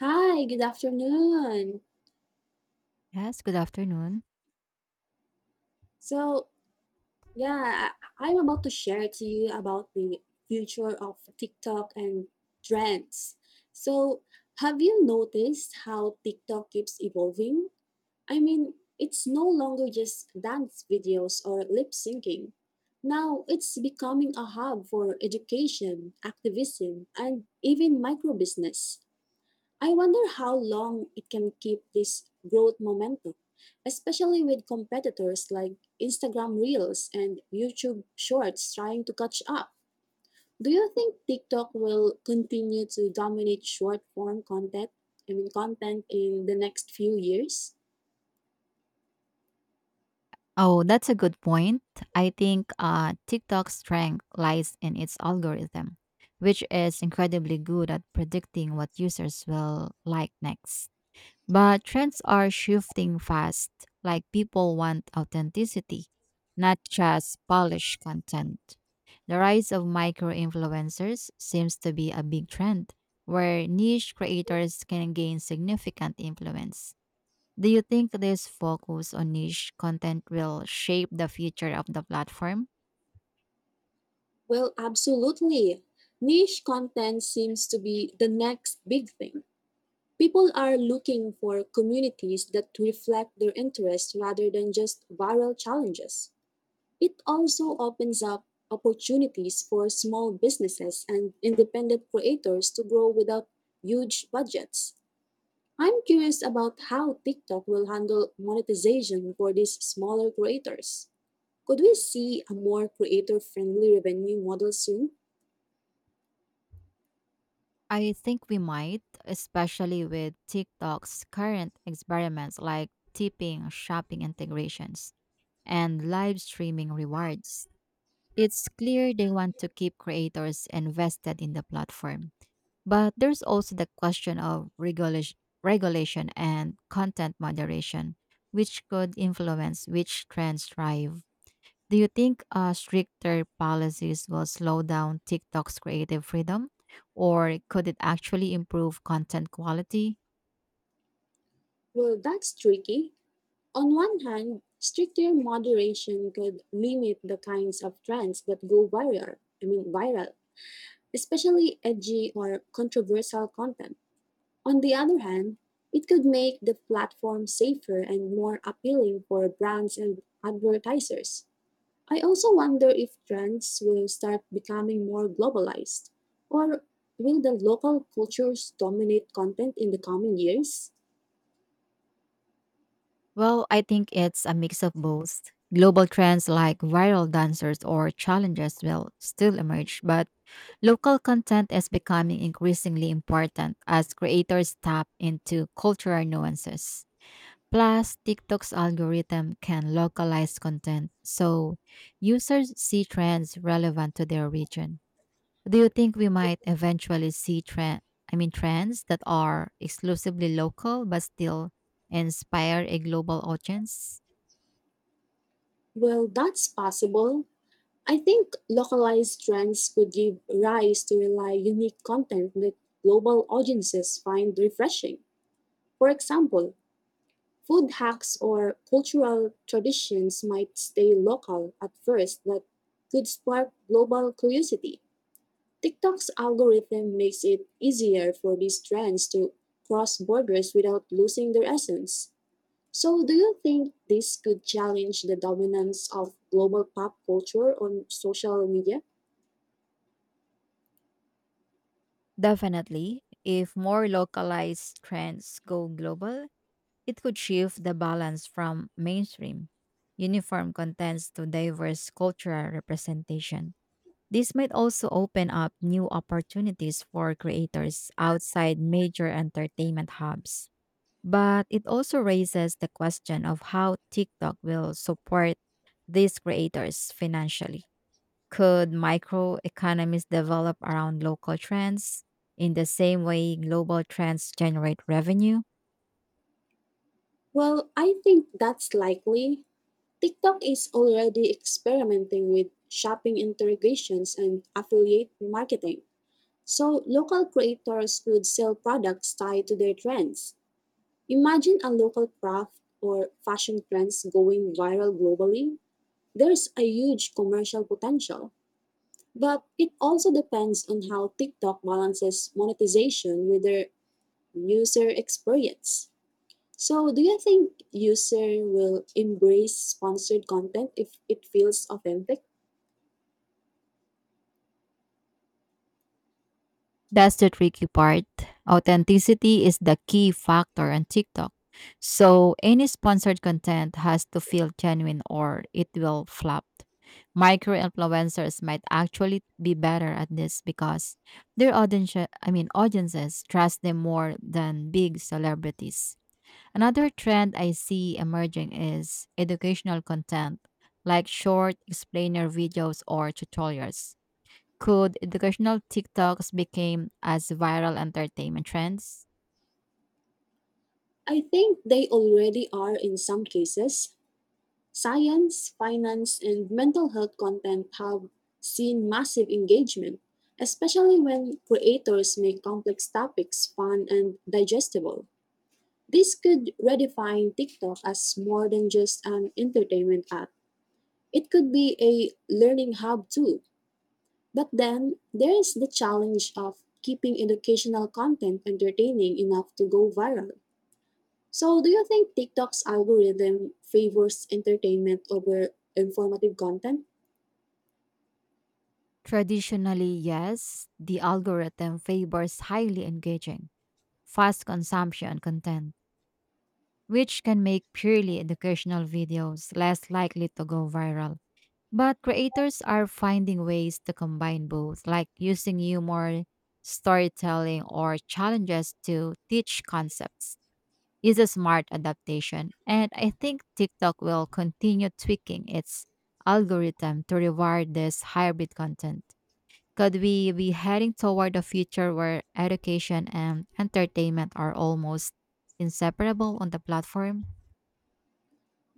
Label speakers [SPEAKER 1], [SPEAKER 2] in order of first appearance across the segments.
[SPEAKER 1] Hi, good afternoon.
[SPEAKER 2] Yes, good afternoon.
[SPEAKER 1] So, yeah, I'm about to share to you about the future of TikTok and trends. So, have you noticed how TikTok keeps evolving? I mean, it's no longer just dance videos or lip syncing. Now, it's becoming a hub for education, activism, and even microbusiness. I wonder how long it can keep this growth momentum, especially with competitors like Instagram Reels and YouTube Shorts trying to catch up. Do you think TikTok will continue to dominate short form content, I mean content in the next few years?
[SPEAKER 2] Oh, that's a good point. I think TikTok's strength lies in its algorithm, which is incredibly good at predicting what users will like next. But trends are shifting fast, like people want authenticity, not just polished content. The rise of micro influencers seems to be a big trend where niche creators can gain significant influence. Do you think this focus on niche content will shape the future of the platform?
[SPEAKER 1] Well, absolutely. Niche content seems to be the next big thing. People are looking for communities that reflect their interests rather than just viral challenges. It also opens up opportunities for small businesses and independent creators to grow without huge budgets. I'm curious about how TikTok will handle monetization for these smaller creators. Could we see a more creator friendly revenue model soon?
[SPEAKER 2] I think we might, especially with TikTok's current experiments like tipping, shopping integrations, and live streaming rewards. It's clear they want to keep creators invested in the platform. But there's also the question of regulation and content moderation, which could influence which trends thrive. Do you think stricter policies will slow down TikTok's creative freedom, or could it actually improve content quality?
[SPEAKER 1] Well, that's tricky. On one hand, stricter moderation could limit the kinds of trends that go viral, I mean, viral, especially edgy or controversial content. On the other hand, it could make the platform safer and more appealing for brands and advertisers. I also wonder if trends will start becoming more globalized, or will the local cultures dominate content in the coming years?
[SPEAKER 2] Well, I think it's a mix of both. Global trends like viral dancers or challenges will still emerge, but local content is becoming increasingly important as creators tap into cultural nuances. Plus, TikTok's algorithm can localize content, so users see trends relevant to their region. Do you think we might eventually see trends that are exclusively local but still inspire a global audience?
[SPEAKER 1] Well, that's possible. I think localized trends could give rise to really unique content that global audiences find refreshing. For example, food hacks or cultural traditions might stay local at first but could spark global curiosity. TikTok's algorithm makes it easier for these trends to cross borders without losing their essence. So, do you think this could challenge the dominance of global pop culture on social media?
[SPEAKER 2] Definitely. If more localized trends go global, it could shift the balance from mainstream uniform contents to diverse cultural representation. This might also open up new opportunities for creators outside major entertainment hubs. But it also raises the question of how TikTok will support these creators financially. Could microeconomies develop around local trends in the same way global trends generate revenue?
[SPEAKER 1] Well, I think that's likely. TikTok is already experimenting with shopping integrations and affiliate marketing, so local creators could sell products tied to their trends. Imagine a local craft or fashion trends going viral globally. There's a huge commercial potential. But it also depends on how TikTok balances monetization with their user experience. So, do you think user will embrace sponsored content if it feels authentic?
[SPEAKER 2] That's the tricky part. Authenticity is the key factor on TikTok. So any sponsored content has to feel genuine or it will flop. Micro influencers might actually be better at this because their audiences trust them more than big celebrities. Another trend I see emerging is educational content like short explainer videos or tutorials could educational TikToks became as viral entertainment trends?
[SPEAKER 1] I think they already are in some cases. Science, finance, and mental health content have seen massive engagement, especially when creators make complex topics fun and digestible. This could redefine TikTok as more than just an entertainment app. It could be a learning hub too. But then there is the challenge of keeping educational content entertaining enough to go viral. So, do you think TikTok's algorithm favors entertainment over informative content?
[SPEAKER 2] Traditionally, yes. The algorithm favors highly engaging, fast consumption content, which can make purely educational videos less likely to go viral. But creators are finding ways to combine both, like using humor, storytelling, or challenges to teach concepts. Is a smart adaptation, and I think TikTok will continue tweaking its algorithm to reward this hybrid content. Could we be heading toward a future where education and entertainment are almost inseparable on the platform?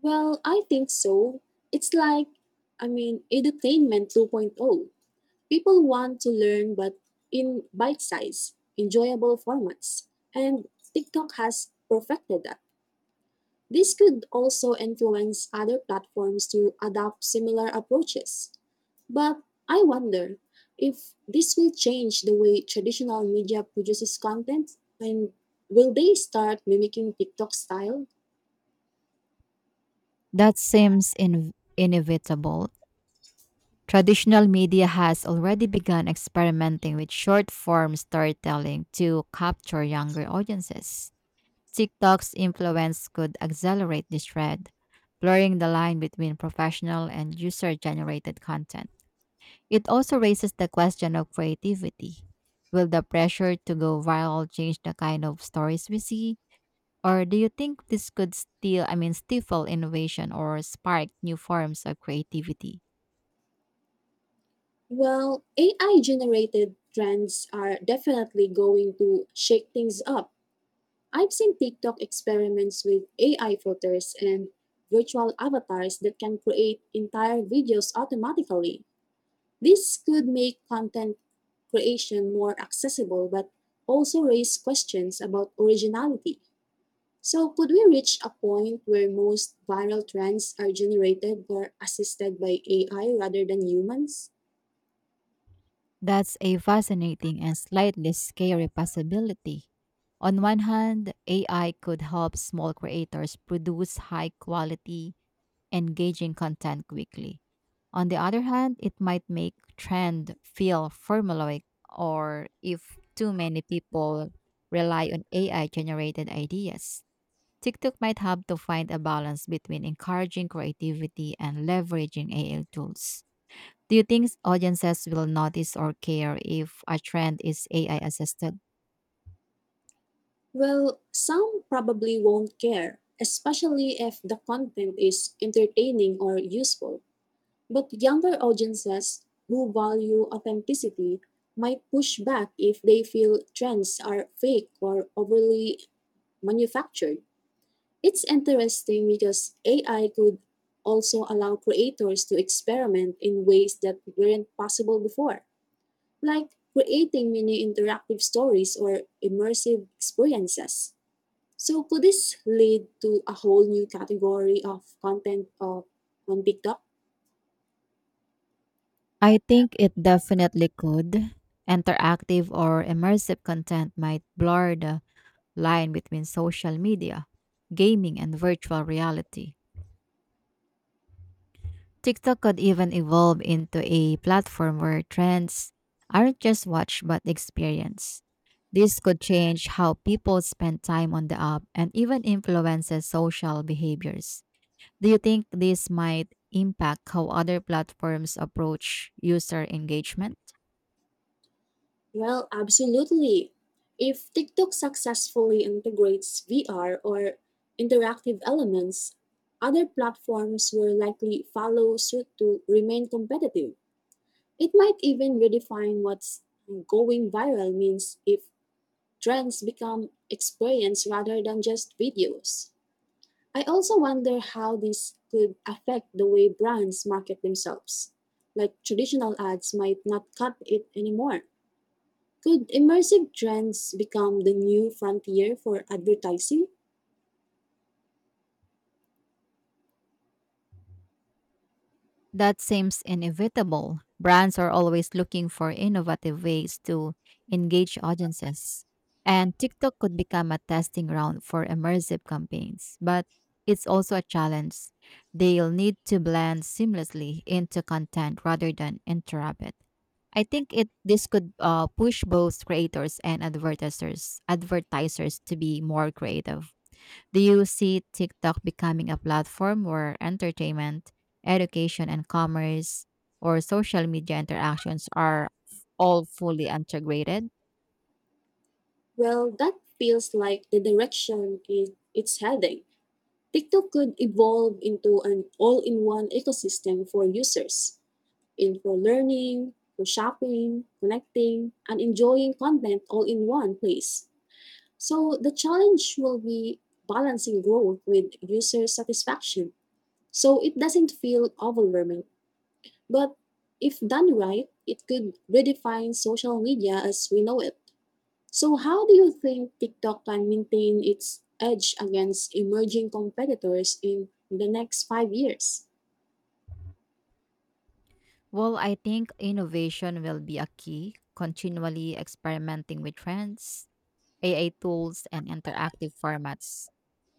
[SPEAKER 1] Well, I think so. It's like, I mean, edutainment 2.0. People want to learn, but in bite size, enjoyable formats. And TikTok has perfected that. This could also influence other platforms to adopt similar approaches. But I wonder if this will change the way traditional media produces content, and will they start mimicking TikTok style?
[SPEAKER 2] That seems inevitable. Traditional media has already begun experimenting with short form storytelling to capture younger audiences. TikTok's influence could accelerate this trend, blurring the line between professional and user generated content. It also raises the question of creativity. Will the pressure to go viral change the kind of stories we see? Or do you think this could still, I mean, stifle innovation or spark new forms of creativity?
[SPEAKER 1] Well, AI generated trends are definitely going to shake things up. I've seen TikTok experiments with AI filters and virtual avatars that can create entire videos automatically. This could make content creation more accessible but also raise questions about originality. So, could we reach a point where most viral trends are generated or assisted by AI rather than humans?
[SPEAKER 2] That's a fascinating and slightly scary possibility. On one hand, AI could help small creators produce high quality, engaging content quickly. On the other hand, it might make trend feel formulaic or if too many people rely on AI generated ideas. TikTok might have to find a balance between encouraging creativity and leveraging AI tools. Do you think audiences will notice or care if a trend is AI assisted?
[SPEAKER 1] Well, some probably won't care, especially if the content is entertaining or useful. But younger audiences who value authenticity might push back if they feel trends are fake or overly manufactured. It's interesting because AI could also allow creators to experiment in ways that weren't possible before, like creating mini interactive stories or immersive experiences. So could this lead to a whole new category of content on TikTok?
[SPEAKER 2] I think it definitely could. Interactive or immersive content might blur the line between social media, gaming, and virtual reality. TikTok could even evolve into a platform where trends aren't just watched but experienced. This could change how people spend time on the app and even influences social behaviors. Do you think this might impact how other platforms approach user engagement?
[SPEAKER 1] Well, absolutely. If TikTok successfully integrates VR or interactive elements, other platforms will likely follow suit to remain competitive. It might even redefine what's going viral means if trends become experience rather than just videos. I also wonder how this could affect the way brands market themselves. Like traditional ads might not cut it anymore. Could immersive trends become the new frontier for advertising?
[SPEAKER 2] That seems inevitable. Brands are always looking for innovative ways to engage audiences. And TikTok could become a testing ground for immersive campaigns, but it's also a challenge. They'll need to blend seamlessly into content rather than interrupt it. I think it this could push both creators and advertisers to be more creative. Do you see TikTok becoming a platform where entertainment, education, and commerce or social media interactions are all fully integrated?
[SPEAKER 1] Well, that feels like the direction it's heading. TikTok could evolve into an all in one ecosystem for users, in for learning, for shopping, connecting, and enjoying content all in one place. So the challenge will be balancing growth with user satisfaction so it doesn't feel overwhelming. But if done right, it could redefine social media as we know it. So, how do you think TikTok can maintain its edge against emerging competitors in the next 5 years?
[SPEAKER 2] Well, I think innovation will be a key, continually experimenting with trends, AI tools, and interactive formats.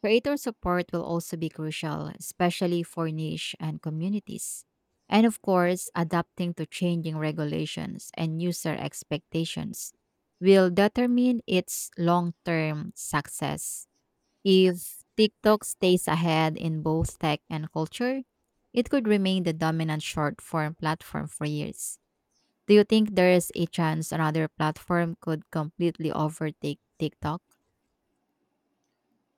[SPEAKER 2] Creator support will also be crucial, especially for niche and communities. And of course, adapting to changing regulations and user expectations will determine its long term success. If TikTok stays ahead in both tech and culture, it could remain the dominant short form platform for years. Do you think there is a chance another platform could completely overtake TikTok?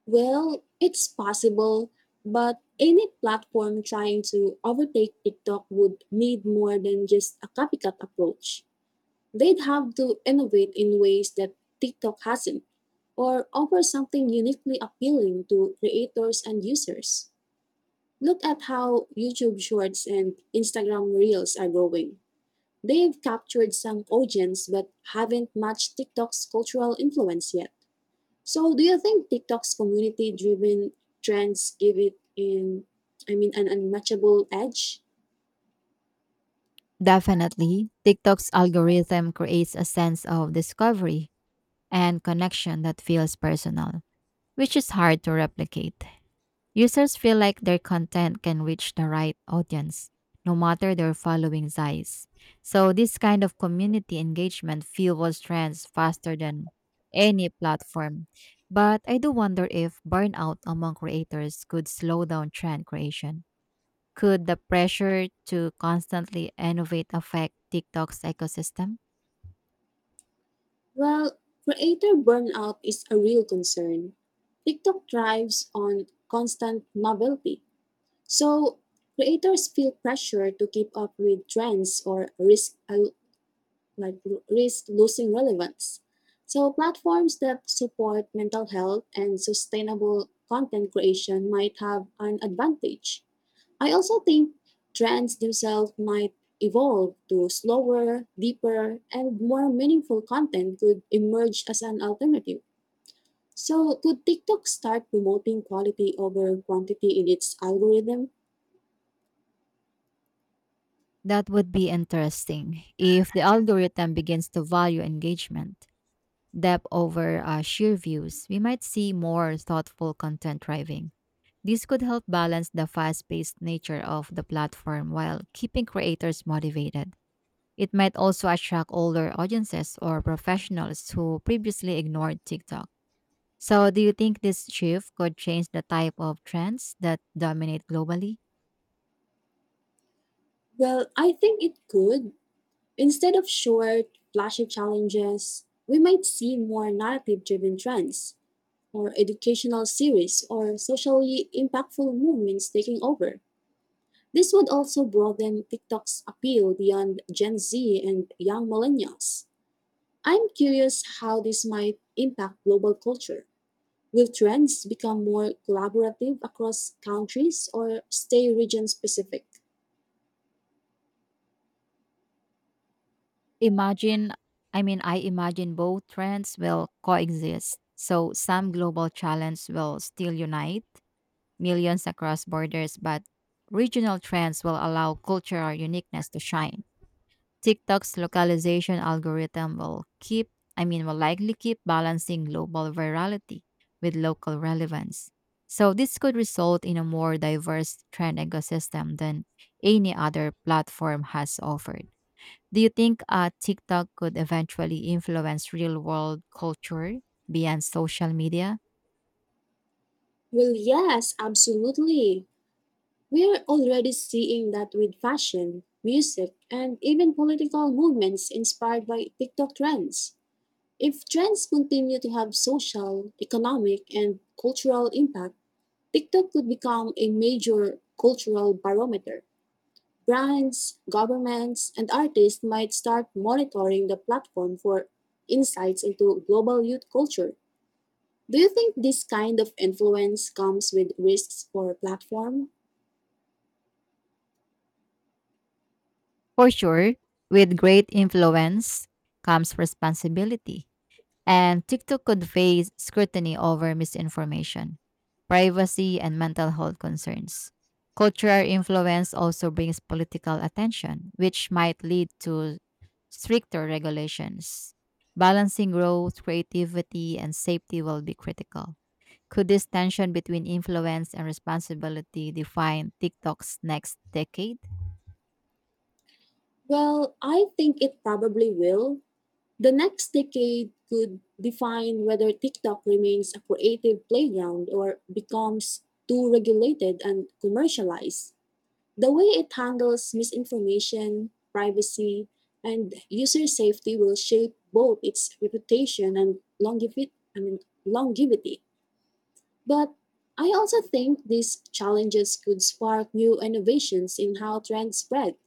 [SPEAKER 1] Well, it's possible, but any platform trying to overtake TikTok would need more than just a copycat approach. They'd have to innovate in ways that TikTok hasn't, or offer something uniquely appealing to creators and users. Look at how YouTube Shorts and Instagram Reels are growing. They've captured some audience but haven't matched TikTok's cultural influence yet. So, do you think TikTok's community driven trends give I mean, an unmatchable edge?
[SPEAKER 2] Definitely, TikTok's algorithm creates a sense of discovery and connection that feels personal, which is hard to replicate. Users feel like their content can reach the right audience, no matter their following size. So, this kind of community engagement fuels trends faster than any platform. But I do wonder if burnout among creators could slow down trend creation. Could the pressure to constantly innovate affect TikTok's ecosystem?
[SPEAKER 1] Well, creator burnout is a real concern. TikTok thrives on constant novelty. So, creators feel pressure to keep up with trends or risk like risk losing relevance. So, platforms that support mental health and sustainable content creation might have an advantage. I also think trends themselves might evolve to slower, deeper, and more meaningful content could emerge as an alternative. So, could TikTok start promoting quality over quantity in its algorithm?
[SPEAKER 2] That would be interesting if the algorithm begins to value engagement, depth over sheer views. We might see more thoughtful content driving. This could help balance the fast paced nature of the platform while keeping creators motivated. It might also attract older audiences or professionals who previously ignored TikTok. So, do you think this shift could change the type of trends that dominate globally?
[SPEAKER 1] Well, I think it could. Instead of short, flashy challenges, we might see more narrative driven trends, or educational series, or socially impactful movements taking over. This would also broaden TikTok's appeal beyond Gen Z and young millennials. I'm curious how this might impact global culture. Will trends become more collaborative across countries or stay region specific?
[SPEAKER 2] Imagine, I imagine both trends will coexist. So, some global challenges will still unite millions across borders, but regional trends will allow cultural uniqueness to shine. TikTok's localization algorithm will will likely keep balancing global virality with local relevance. So this could result in a more diverse trend ecosystem than any other platform has offered. Do you think TikTok could eventually influence real world culture beyond social media?
[SPEAKER 1] Well, yes, absolutely. We're already seeing that with fashion, music, and even political movements inspired by TikTok trends. If trends continue to have social, economic, and cultural impact, TikTok could become a major cultural barometer. Brands, governments, and artists might start monitoring the platform for insights into global youth culture. Do you think this kind of influence comes with risks for a platform?
[SPEAKER 2] For sure, with great influence comes responsibility. And TikTok conveys scrutiny over misinformation, privacy, and mental health concerns. Cultural influence also brings political attention, which might lead to stricter regulations. Balancing growth, creativity, and safety will be critical. Could this tension between influence and responsibility define TikTok's next decade?
[SPEAKER 1] Well, I think it probably will. The next decade could define whether TikTok remains a creative playground or becomes too regulated and commercialized. The way it handles misinformation, privacy, and user safety will shape both its reputation and longevity. I mean, longevity. But I also think these challenges could spark new innovations in how trends spread.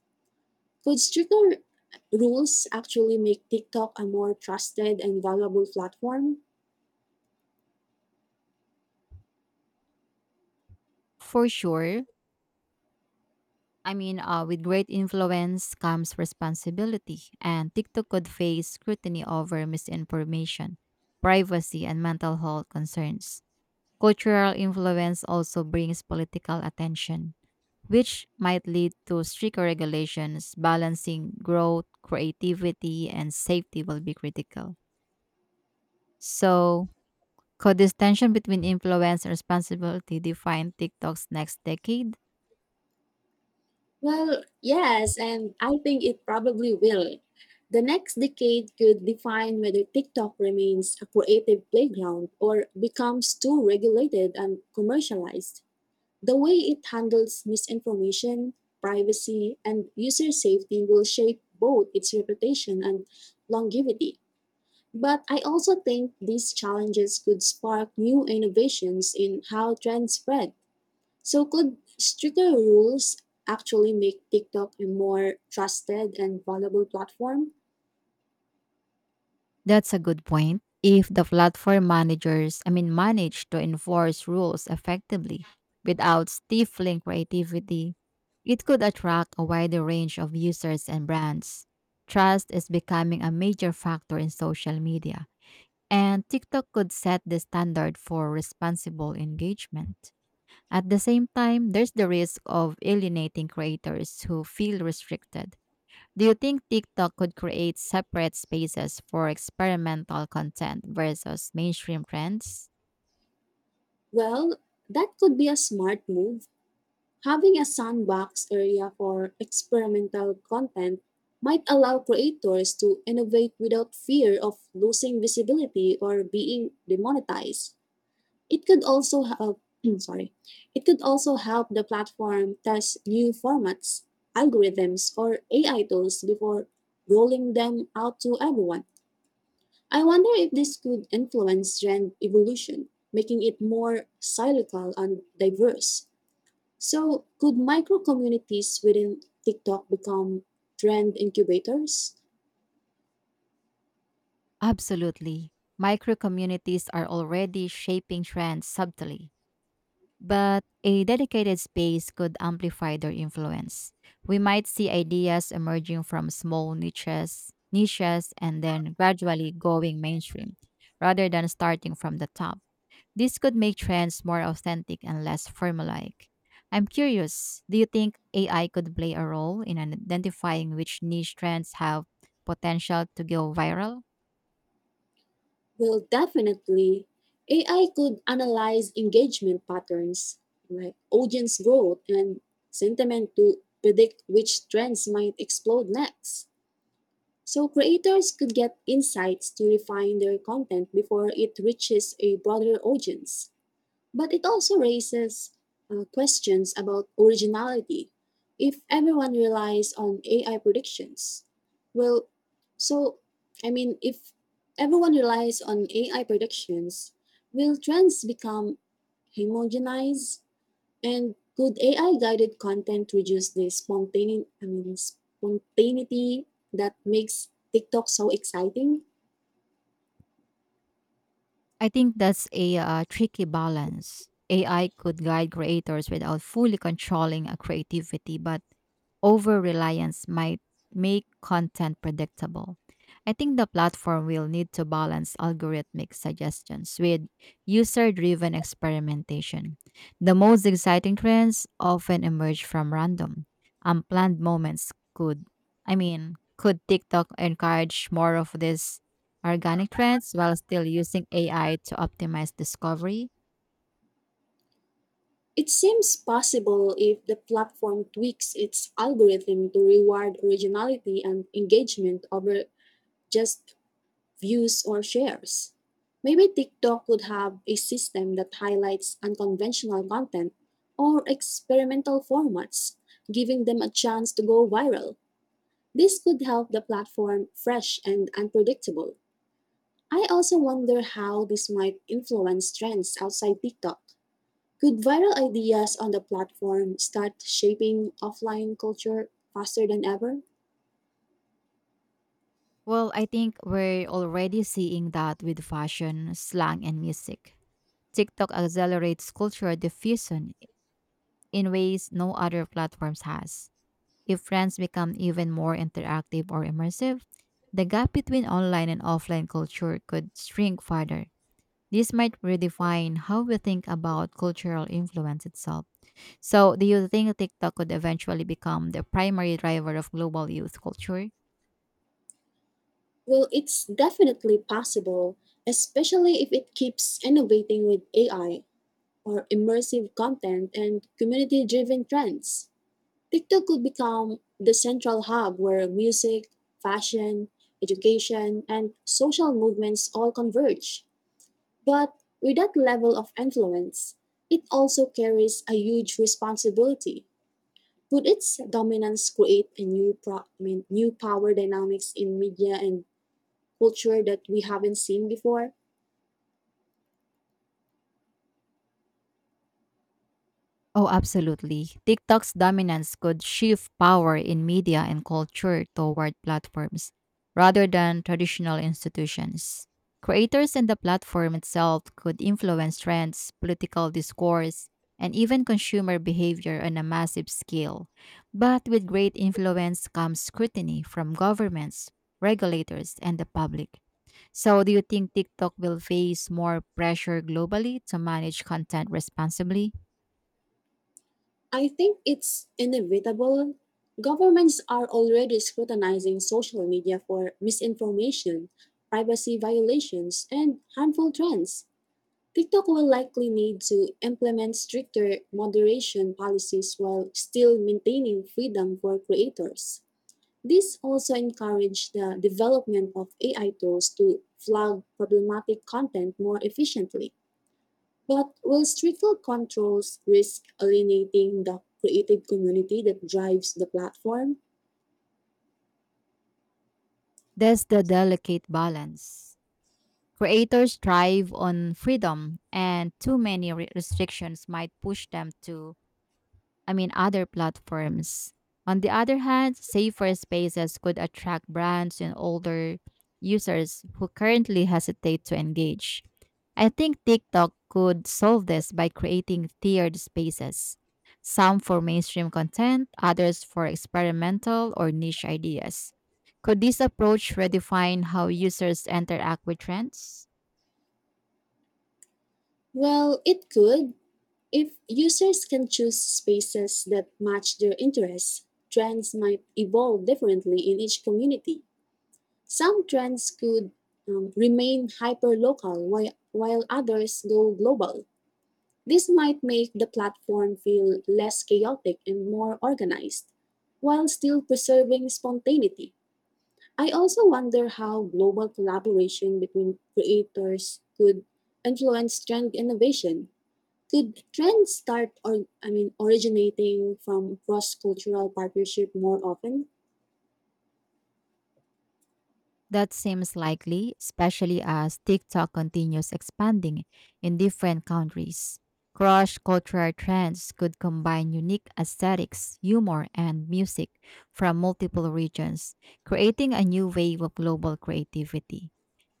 [SPEAKER 1] Could stricter rules actually make TikTok a more trusted and valuable platform?
[SPEAKER 2] For sure, with great influence comes responsibility, and TikTok could face scrutiny over misinformation, privacy, and mental health concerns. Cultural influence also brings political attention, which might lead to stricter regulations. Balancing growth, creativity, and safety will be critical. So, could this tension between influence and responsibility define TikTok's next decade?
[SPEAKER 1] Well, yes, and I think it probably will. The next decade could define whether TikTok remains a creative playground or becomes too regulated and commercialized. The way it handles misinformation, privacy, and user safety will shape both its reputation and longevity. But I also think these challenges could spark new innovations in how trends spread, so could stricter rules actually make TikTok a more trusted and valuable platform?
[SPEAKER 2] That's a good point. If the platform manage to enforce rules effectively without stifling creativity, it could attract a wider range of users and brands. Trust is becoming a major factor in social media, and TikTok could set the standard for responsible engagement. At the same time, there's the risk of alienating creators who feel restricted do you think TikTok could create separate spaces for experimental content versus mainstream trends?
[SPEAKER 1] Well, that could be a smart move. Having a sandbox area for experimental content might allow creators to innovate without fear of losing visibility or being demonetized. It could also help, sorry, it could also help the platform test new formats, algorithms, or AI tools before rolling them out to everyone. I wonder if this could influence trend evolution, making it more cyclical and diverse. So, could micro communities within TikTok become trend incubators?
[SPEAKER 2] Absolutely. Micro communities are already shaping trends subtly, but a dedicated space could amplify their influence. We might see ideas emerging from small niches and then gradually going mainstream rather than starting from the top. This could make trends more authentic and less formulaic. I'm curious, do you think AI could play a role in identifying which niche trends have potential to go viral?
[SPEAKER 1] Well, definitely. AI could analyze engagement patterns, like audience growth and sentiment to predict which trends might explode next. So creators could get insights to refine their content before it reaches a broader audience. But it also raises questions about originality. If everyone relies on AI predictions, well, so I mean, if everyone relies on AI predictions, will trends become homogenized? And could AI guided content reduce the spontaneity, I mean, spontaneity that makes TikTok so exciting?
[SPEAKER 2] I think that's a tricky balance. AI could guide creators without fully controlling a creativity, but over reliance might make content predictable. I think the platform will need to balance algorithmic suggestions with user driven experimentation. The most exciting trends often emerge from random, unplanned moments. Could TikTok encourage more of these organic trends while still using AI to optimize discovery?
[SPEAKER 1] It seems possible if the platform tweaks its algorithm to reward originality and engagement over just views or shares. Maybe TikTok could have a system that highlights unconventional content or experimental formats, giving them a chance to go viral. This could help the platform fresh and unpredictable. I also wonder how this might influence trends outside TikTok. Could viral ideas on the platform start shaping offline culture faster than ever?
[SPEAKER 2] Well, I think we're already seeing that with fashion, slang, and music. TikTok accelerates cultural diffusion in ways no other platforms has. If friends become even more interactive or immersive, the gap between online and offline culture could shrink further. This might redefine how we think about cultural influence itself. So, do you think TikTok could eventually become the primary driver of global youth culture?
[SPEAKER 1] Well, it's definitely possible, especially if it keeps innovating with AI or immersive content and community driven trends. TikTok could become the central hub where music, fashion, education, and social movements all converge. But with that level of influence, it also carries a huge responsibility. Could its dominance create a new I mean, new power dynamics in media and culture that we haven't seen before?
[SPEAKER 2] Oh, absolutely. TikTok's dominance could shift power in media and culture toward platforms rather than traditional institutions. Creators and the platform itself could influence trends, political discourse, and even consumer behavior on a massive scale. But with great influence comes scrutiny from governments, regulators, and the public. So, do you think TikTok will face more pressure globally to manage content responsibly?
[SPEAKER 1] I think it's inevitable. Governments are already scrutinizing social media for misinformation, privacy violations, and harmful trends. TikTok will likely need to implement stricter moderation policies while still maintaining freedom for creators. This also encouraged the development of AI tools to flag problematic content more efficiently. But will stricter controls risk alienating the creative community that drives the platform?
[SPEAKER 2] That's the delicate balance. Creators thrive on freedom, and too many restrictions might push them to I mean, other platforms. On the other hand, safer spaces could attract brands and older users who currently hesitate to engage. I think TikTok could solve this by creating tiered spaces, some for mainstream content, others for experimental or niche ideas. Could this approach redefine how users interact with trends?
[SPEAKER 1] Well, it could. If users can choose spaces that match their interests, trends might evolve differently in each community. Some trends could remain hyper local while others go global. This might make the platform feel less chaotic and more organized, while still preserving spontaneity. I also wonder how global collaboration between creators could influence trend innovation. Could trends start or I mean originating from cross-cultural partnership more often?
[SPEAKER 2] That seems likely, especially as TikTok continues expanding in different countries. Cross cultural trends could combine unique aesthetics, humor, and music from multiple regions, creating a new wave of global creativity.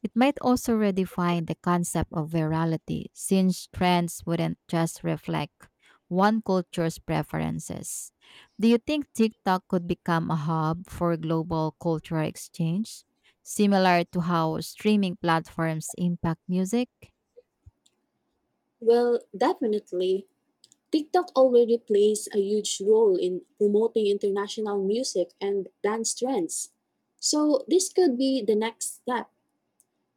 [SPEAKER 2] It might also redefine the concept of virality, since trends wouldn't just reflect one culture's preferences. Do you think TikTok could become a hub for global cultural exchange? Similar to how streaming platforms impact music?
[SPEAKER 1] Well, definitely. TikTok already plays a huge role in promoting international music and dance trends. So, this could be the next step.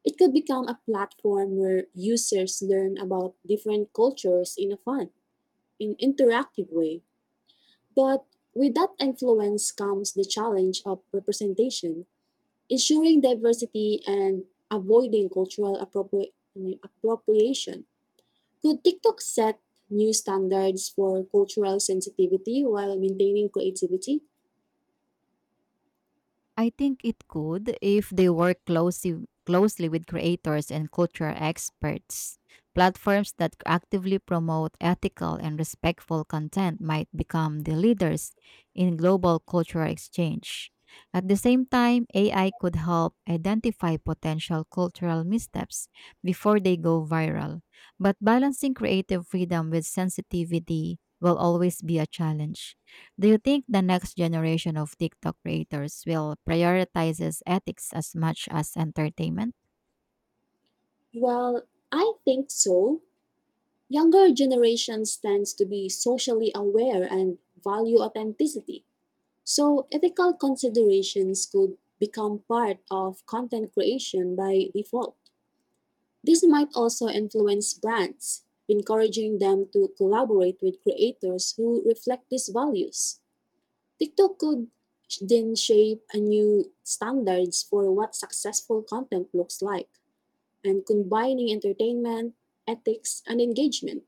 [SPEAKER 1] It could become a platform where users learn about different cultures in a fun, in interactive way. But with that influence comes the challenge of representation, ensuring diversity and avoiding cultural I mean, appropriation. Could TikTok set new standards for cultural sensitivity while maintaining creativity?
[SPEAKER 2] I think it could if they work closely with creators and cultural experts. Platforms that actively promote ethical and respectful content might become the leaders in global cultural exchange. At the same time, AI could help identify potential cultural missteps before they go viral. But balancing creative freedom with sensitivity will always be a challenge. Do you think the next generation of TikTok creators will prioritizes ethics as much as entertainment?
[SPEAKER 1] Well, I think so. Younger generations tends to be socially aware and value authenticity. So ethical considerations could become part of content creation by default. This might also influence brands, encouraging them to collaborate with creators who reflect these values. TikTok could then shape a new standards for what successful content looks like and combining entertainment, ethics, and engagement.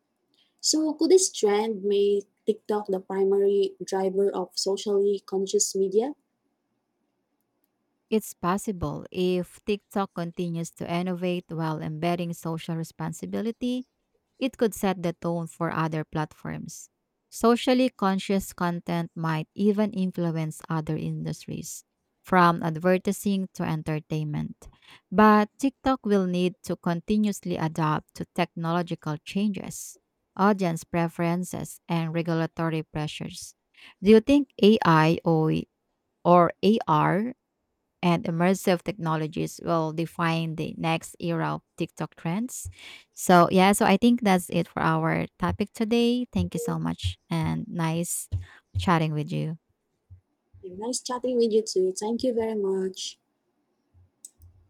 [SPEAKER 1] So could this trend make TikTok the primary driver of socially conscious media?
[SPEAKER 2] It's possible if TikTok continues to innovate while embedding social responsibility it could set the tone for other platforms. Socially conscious content might even influence other industries, from advertising to entertainment. But TikTok will need to continuously adapt to technological changes, audience preferences, and regulatory pressures. Do you think AI or AR and immersive technologies will define the next era of TikTok trends. So, yeah, so I think that's it for our topic today. Thank you so much and nice chatting with you.
[SPEAKER 1] Nice chatting with you too. Thank you very much.